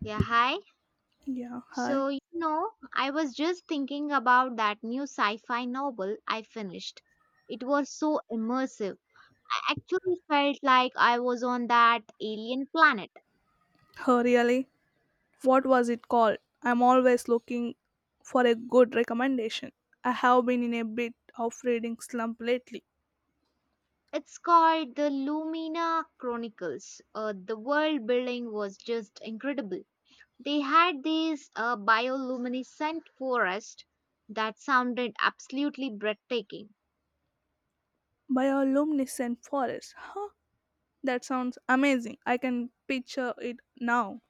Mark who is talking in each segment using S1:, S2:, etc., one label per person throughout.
S1: Yeah, hi.
S2: Yeah, hi.
S1: So, I was just thinking about that new sci fi novel I finished. It was so immersive. I actually felt like I was on that alien planet.
S2: Oh, really? What was it called? I'm always looking for a good recommendation. I have been in a bit of reading slump lately.
S1: It's called the Lumina Chronicles. The world building was just incredible. They had these bioluminescent forests that sounded absolutely breathtaking.
S2: Bioluminescent forest. Huh? That sounds amazing. I can picture it now.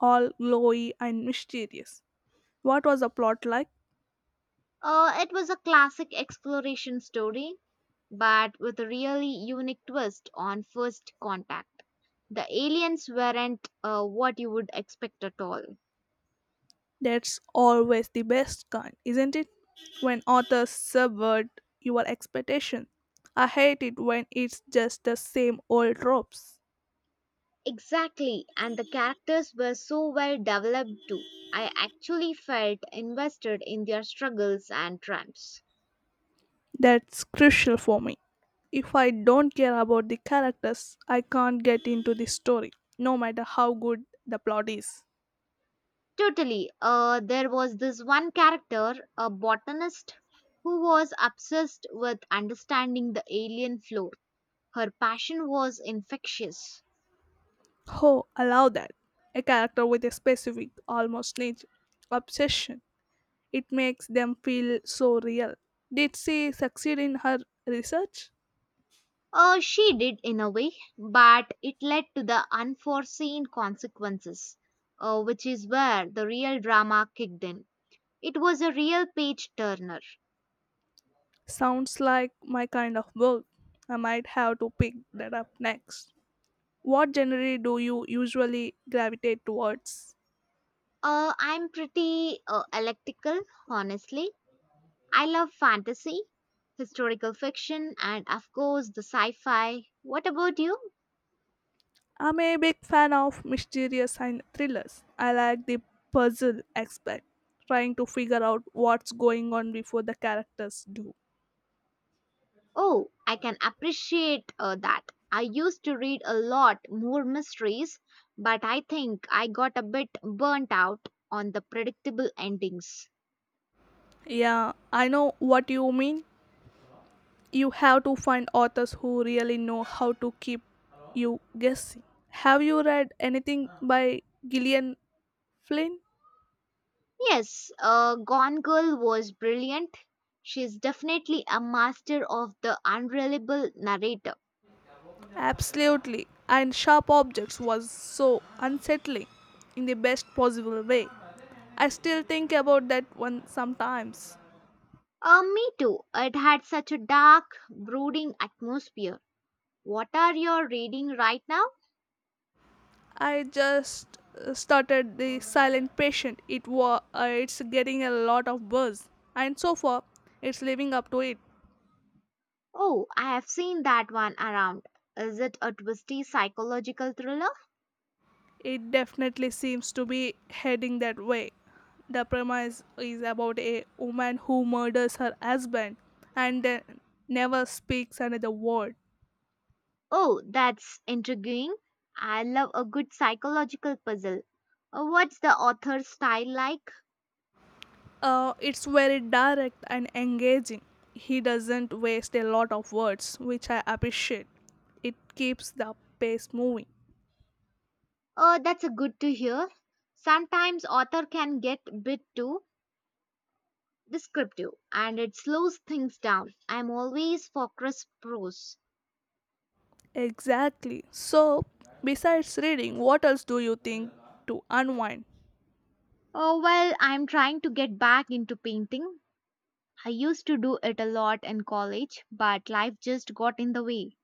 S2: All glowy and mysterious. What was the plot like?
S1: It was a classic exploration story but with a really unique twist on first contact. The aliens weren't what you would expect at all.
S2: That's always the best kind, isn't it? When authors subvert your expectations. I hate it when it's just the same old tropes.
S1: Exactly, and the characters were so well developed too. I actually felt invested in their struggles and triumphs.
S2: That's crucial for me. If I don't care about the characters, I can't get into the story, no matter how good the plot is.
S1: Totally. There was this one character, a botanist, who was obsessed with understanding the alien flora. Her passion was infectious.
S2: Oh, allow that. A character with a specific, almost niche obsession. It makes them feel so real. Did she succeed in her research?
S1: She did in a way, but it led to the unforeseen consequences, which is where the real drama kicked in. It was a real page turner.
S2: Sounds like my kind of work. I might have to pick that up next. What genre do you usually gravitate towards?
S1: I'm pretty electrical, honestly. I love fantasy, historical fiction, and of course the sci fi. What about you?
S2: I'm a big fan of mysterious and thrillers. I like the puzzle aspect, trying to figure out what's going on before the characters do.
S1: Oh, I can appreciate that. I used to read a lot more mysteries, but I think I got a bit burnt out on the predictable endings.
S2: Yeah, I know what you mean. You have to find authors who really know how to keep you guessing. Have you read anything by Gillian Flynn?
S1: Yes. Gone Girl was brilliant. She's definitely a master of the unreliable narrator.
S2: Absolutely. And Sharp Objects was so unsettling in the best possible way. I still think about that one sometimes.
S1: Me too. It had such a dark, brooding atmosphere. What are you reading right now?
S2: I just started the Silent Patient. It's getting a lot of buzz, and so far, it's living up to it.
S1: Oh, I have seen that one around. Is it a twisty psychological thriller?
S2: It definitely seems to be heading that way. The premise is about a woman who murders her husband and then never speaks another word.
S1: Oh, that's intriguing. I love a good psychological puzzle. What's the author's style like?
S2: It's very direct and engaging. He doesn't waste a lot of words, which I appreciate. It keeps the pace moving.
S1: Oh, that's a good to hear. Sometimes author can get a bit too descriptive and it slows things down. I'm always for crisp prose.
S2: Exactly. So, besides reading, what else do you think to unwind?
S1: Oh, well, I'm trying to get back into painting. I used to do it a lot in college, but life just got in the way.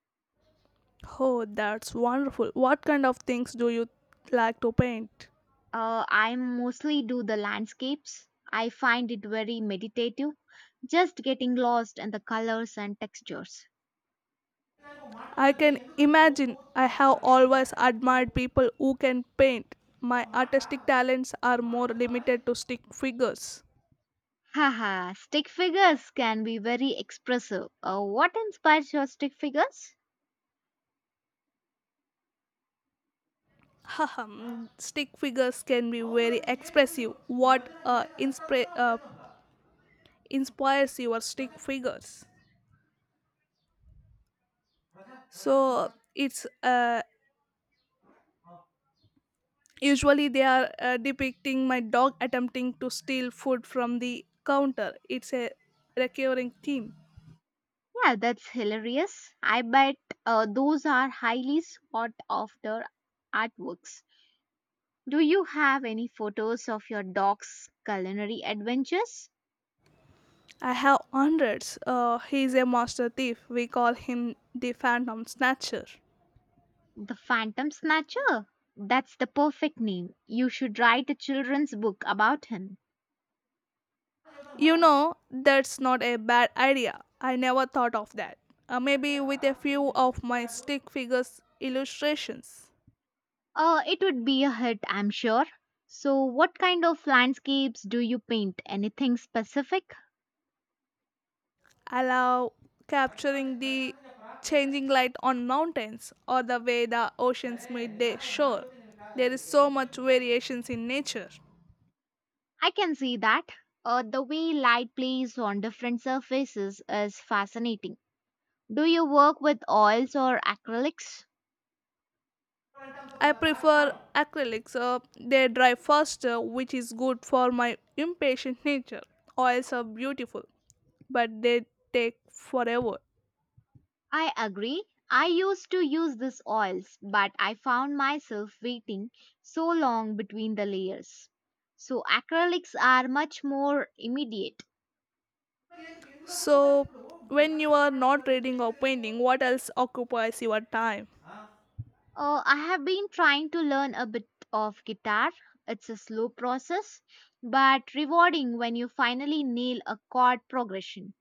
S2: Oh, that's wonderful. What kind of things do you like to paint?
S1: I mostly do the landscapes. I find it very meditative, just getting lost in the colors and textures.
S2: I can imagine I have always admired people who can paint. My artistic talents are more limited to stick figures.
S1: Haha, stick figures can be very expressive. What inspires your stick figures?
S2: Haha, stick figures can be very expressive. What inspires your stick figures? So it's Usually, they are depicting my dog attempting to steal food from the counter. It's a recurring theme.
S1: Yeah, that's hilarious. I bet those are highly sought after artworks. Do you have any photos of your dog's culinary adventures?
S2: I have hundreds. He's a master thief. We call him the Phantom Snatcher.
S1: The Phantom Snatcher? That's the perfect name. You should write a children's book about him.
S2: That's not a bad idea. I never thought of that. Maybe with a few of my stick figures illustrations.
S1: It would be a hit, I'm sure. So, what kind of landscapes do you paint? Anything specific?
S2: Allow capturing the changing light on mountains or the way the oceans meet their shore. There is so much variations in nature.
S1: I can see that. The way light plays on different surfaces is fascinating. Do you work with oils or acrylics?
S2: I prefer acrylics. They dry faster, which is good for my impatient nature. Oils are beautiful, but they take forever.
S1: I agree. I used to use these oils, but I found myself waiting so long between the layers. So acrylics are much more immediate.
S2: So, when you are not reading or painting, what else occupies your time?
S1: I have been trying to learn a bit of guitar. It's a slow process, but rewarding when you finally nail a chord progression.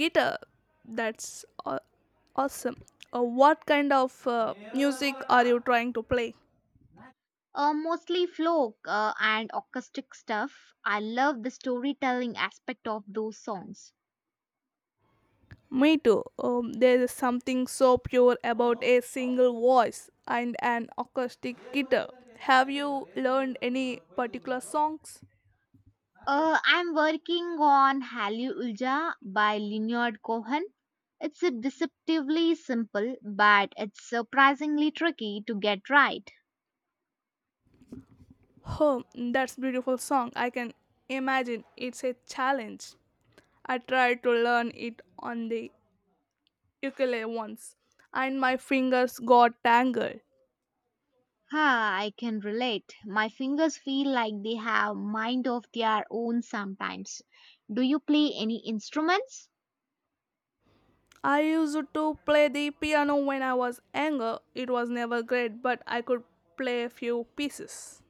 S2: Guitar, that's awesome. What kind of music are you trying to play?
S1: Mostly folk and acoustic stuff. I love the storytelling aspect of those songs.
S2: Me too. There is something so pure about a single voice and an acoustic guitar. Have you learned any particular songs?
S1: I'm working on Hallelujah by Leonard Cohen. It's a deceptively simple, but it's surprisingly tricky to get right.
S2: Oh, that's beautiful song. I can imagine it's a challenge. I tried to learn it on the ukulele once and my fingers got tangled.
S1: Ah, I can relate. My fingers feel like they have mind of their own sometimes. Do you play any instruments?
S2: I used to play the piano when I was younger. It was never great, but I could play a few pieces.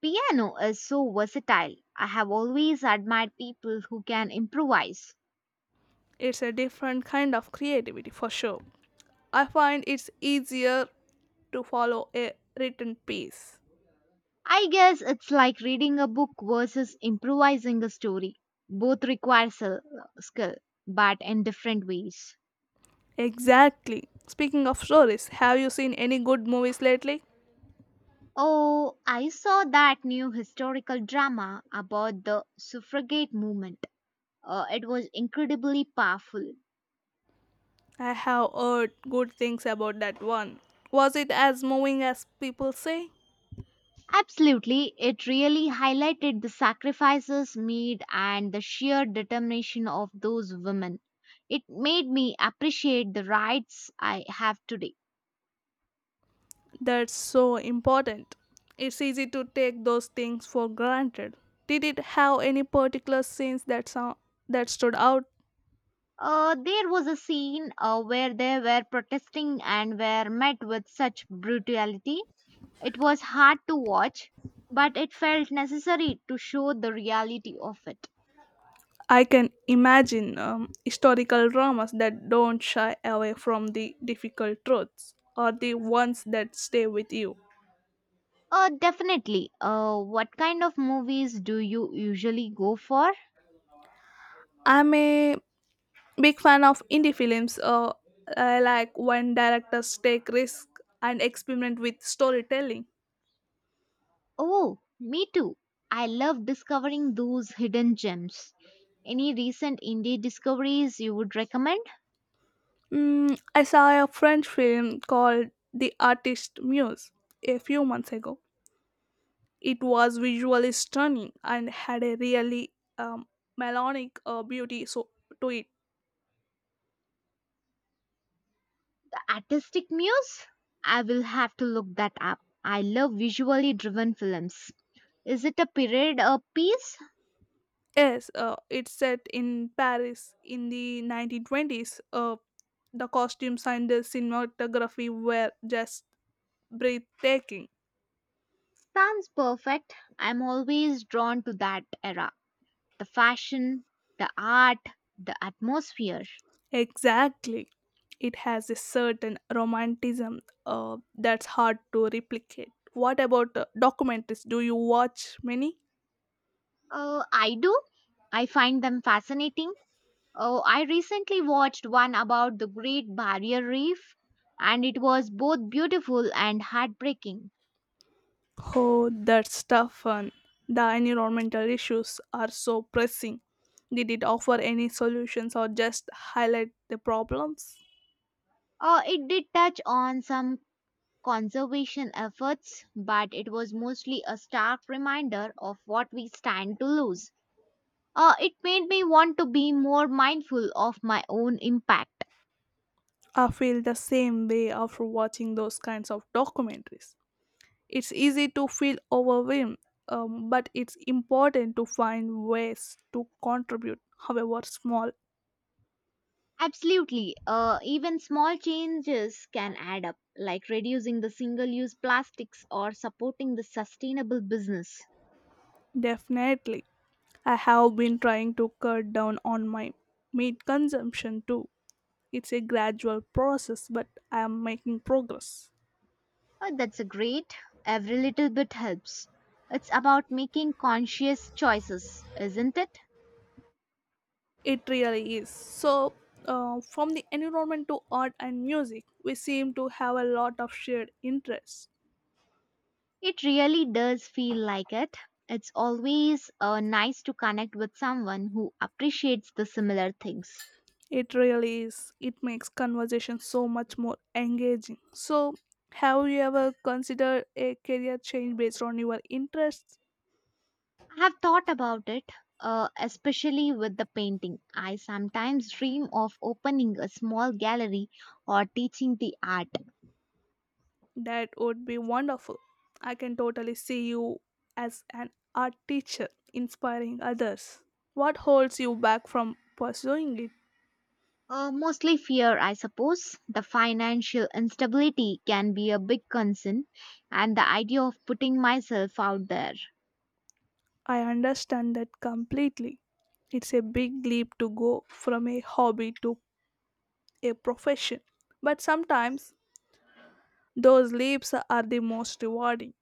S1: Piano is so versatile. I have always admired people who can improvise.
S2: It's a different kind of creativity for sure. I find it's easier to follow a written piece.
S1: I guess it's like reading a book versus improvising a story. Both require skill, but in different ways.
S2: Exactly. Speaking of stories, have you seen any good movies lately?
S1: Oh, I saw that new historical drama about the suffragette movement. It was incredibly powerful.
S2: I have heard good things about that one. Was it as moving as people say?
S1: Absolutely, it really highlighted the sacrifices made and the sheer determination of those women. It made me appreciate the rights I have today.
S2: That's so important. It's easy to take those things for granted. Did it have any particular scenes that stood out?
S1: There was a scene where they were protesting and were met with such brutality. It was hard to watch, but it felt necessary to show the reality of it.
S2: I can imagine historical dramas that don't shy away from the difficult truths or the ones that stay with you.
S1: Definitely. What kind of movies do you usually go for?
S2: I'm a big fan of indie films. I like when directors take risks and experiment with storytelling.
S1: Oh, me too. I love discovering those hidden gems. Any recent indie discoveries you would recommend?
S2: I saw a French film called The Artist Muse a few months ago. It was visually stunning and had a really um, melodic beauty, so, to it.
S1: Artistic muse? I will have to look that up. I love visually driven films. Is it a period or piece?
S2: Yes, it's set in Paris in the 1920s. The costumes and the cinematography were just breathtaking.
S1: Sounds perfect. I'm always drawn to that era. The fashion, the art, the atmosphere.
S2: Exactly. It has a certain romanticism that's hard to replicate. What about documentaries? Do you watch many?
S1: Oh, I do. I find them fascinating. Oh, I recently watched one about the Great Barrier Reef, and it was both beautiful and heartbreaking.
S2: Oh, that's tough one. The environmental issues are so pressing. Did it offer any solutions or just highlight the problems?
S1: Oh, it did touch on some conservation efforts, but it was mostly a stark reminder of what we stand to lose. It made me want to be more mindful of my own impact.
S2: I feel the same way after watching those kinds of documentaries. It's easy to feel overwhelmed, but it's important to find ways to contribute, however small.
S1: Absolutely. Even small changes can add up, like reducing the single use plastics or supporting the sustainable business.
S2: Definitely. I have been trying to cut down on my meat consumption too. It's a gradual process, but I am making progress.
S1: That's a great, every little bit helps. It's about making conscious choices, isn't it?
S2: It really is. So, from the environment to art and music, we seem to have a lot of shared interests.
S1: It really does feel like it. It's always nice to connect with someone who appreciates the similar things.
S2: It really is. It makes conversation so much more engaging. So, have you ever considered a career change based on your interests?
S1: I have thought about it, especially with the painting. I sometimes dream of opening a small gallery or teaching the art.
S2: That would be wonderful. I can totally see you as an art teacher inspiring others. What holds you back from pursuing it?
S1: Mostly fear, I suppose. The financial instability can be a big concern, and the idea of putting myself out there.
S2: I understand that completely. It's a big leap to go from a hobby to a profession, but sometimes those leaps are the most rewarding.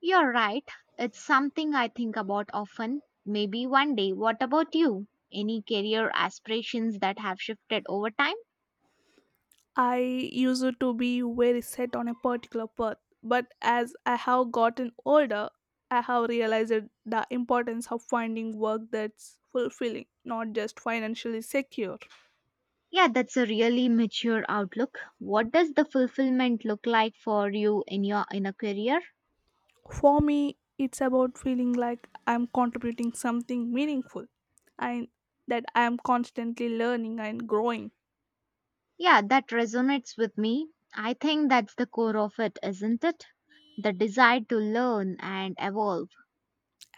S1: You're right. It's something I think about often. Maybe one day. What about you? Any career aspirations that have shifted over time?
S2: I used to be very set on a particular path, but as I have gotten older, I have realized the importance of finding work that's fulfilling, not just financially secure.
S1: Yeah, that's a really mature outlook. What does the fulfillment look like for you in your in a career?
S2: For me, it's about feeling like I'm contributing something meaningful and that I am constantly learning and growing.
S1: Yeah, that resonates with me. I think that's the core of it, isn't it? The desire to learn and evolve.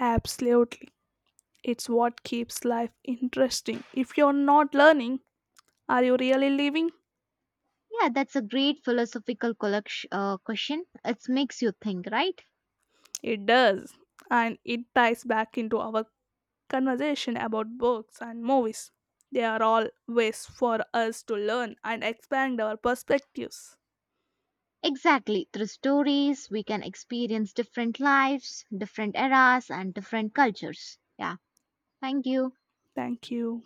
S2: Absolutely. It's what keeps life interesting. If you're not learning, are you really living?
S1: Yeah, that's a great question. It makes you think, right?
S2: It does. And it ties back into our conversation about books and movies. They are all ways for us to learn and expand our perspectives.
S1: Exactly. Through stories, we can experience different lives, different eras, and different cultures. Yeah. Thank you.
S2: Thank you.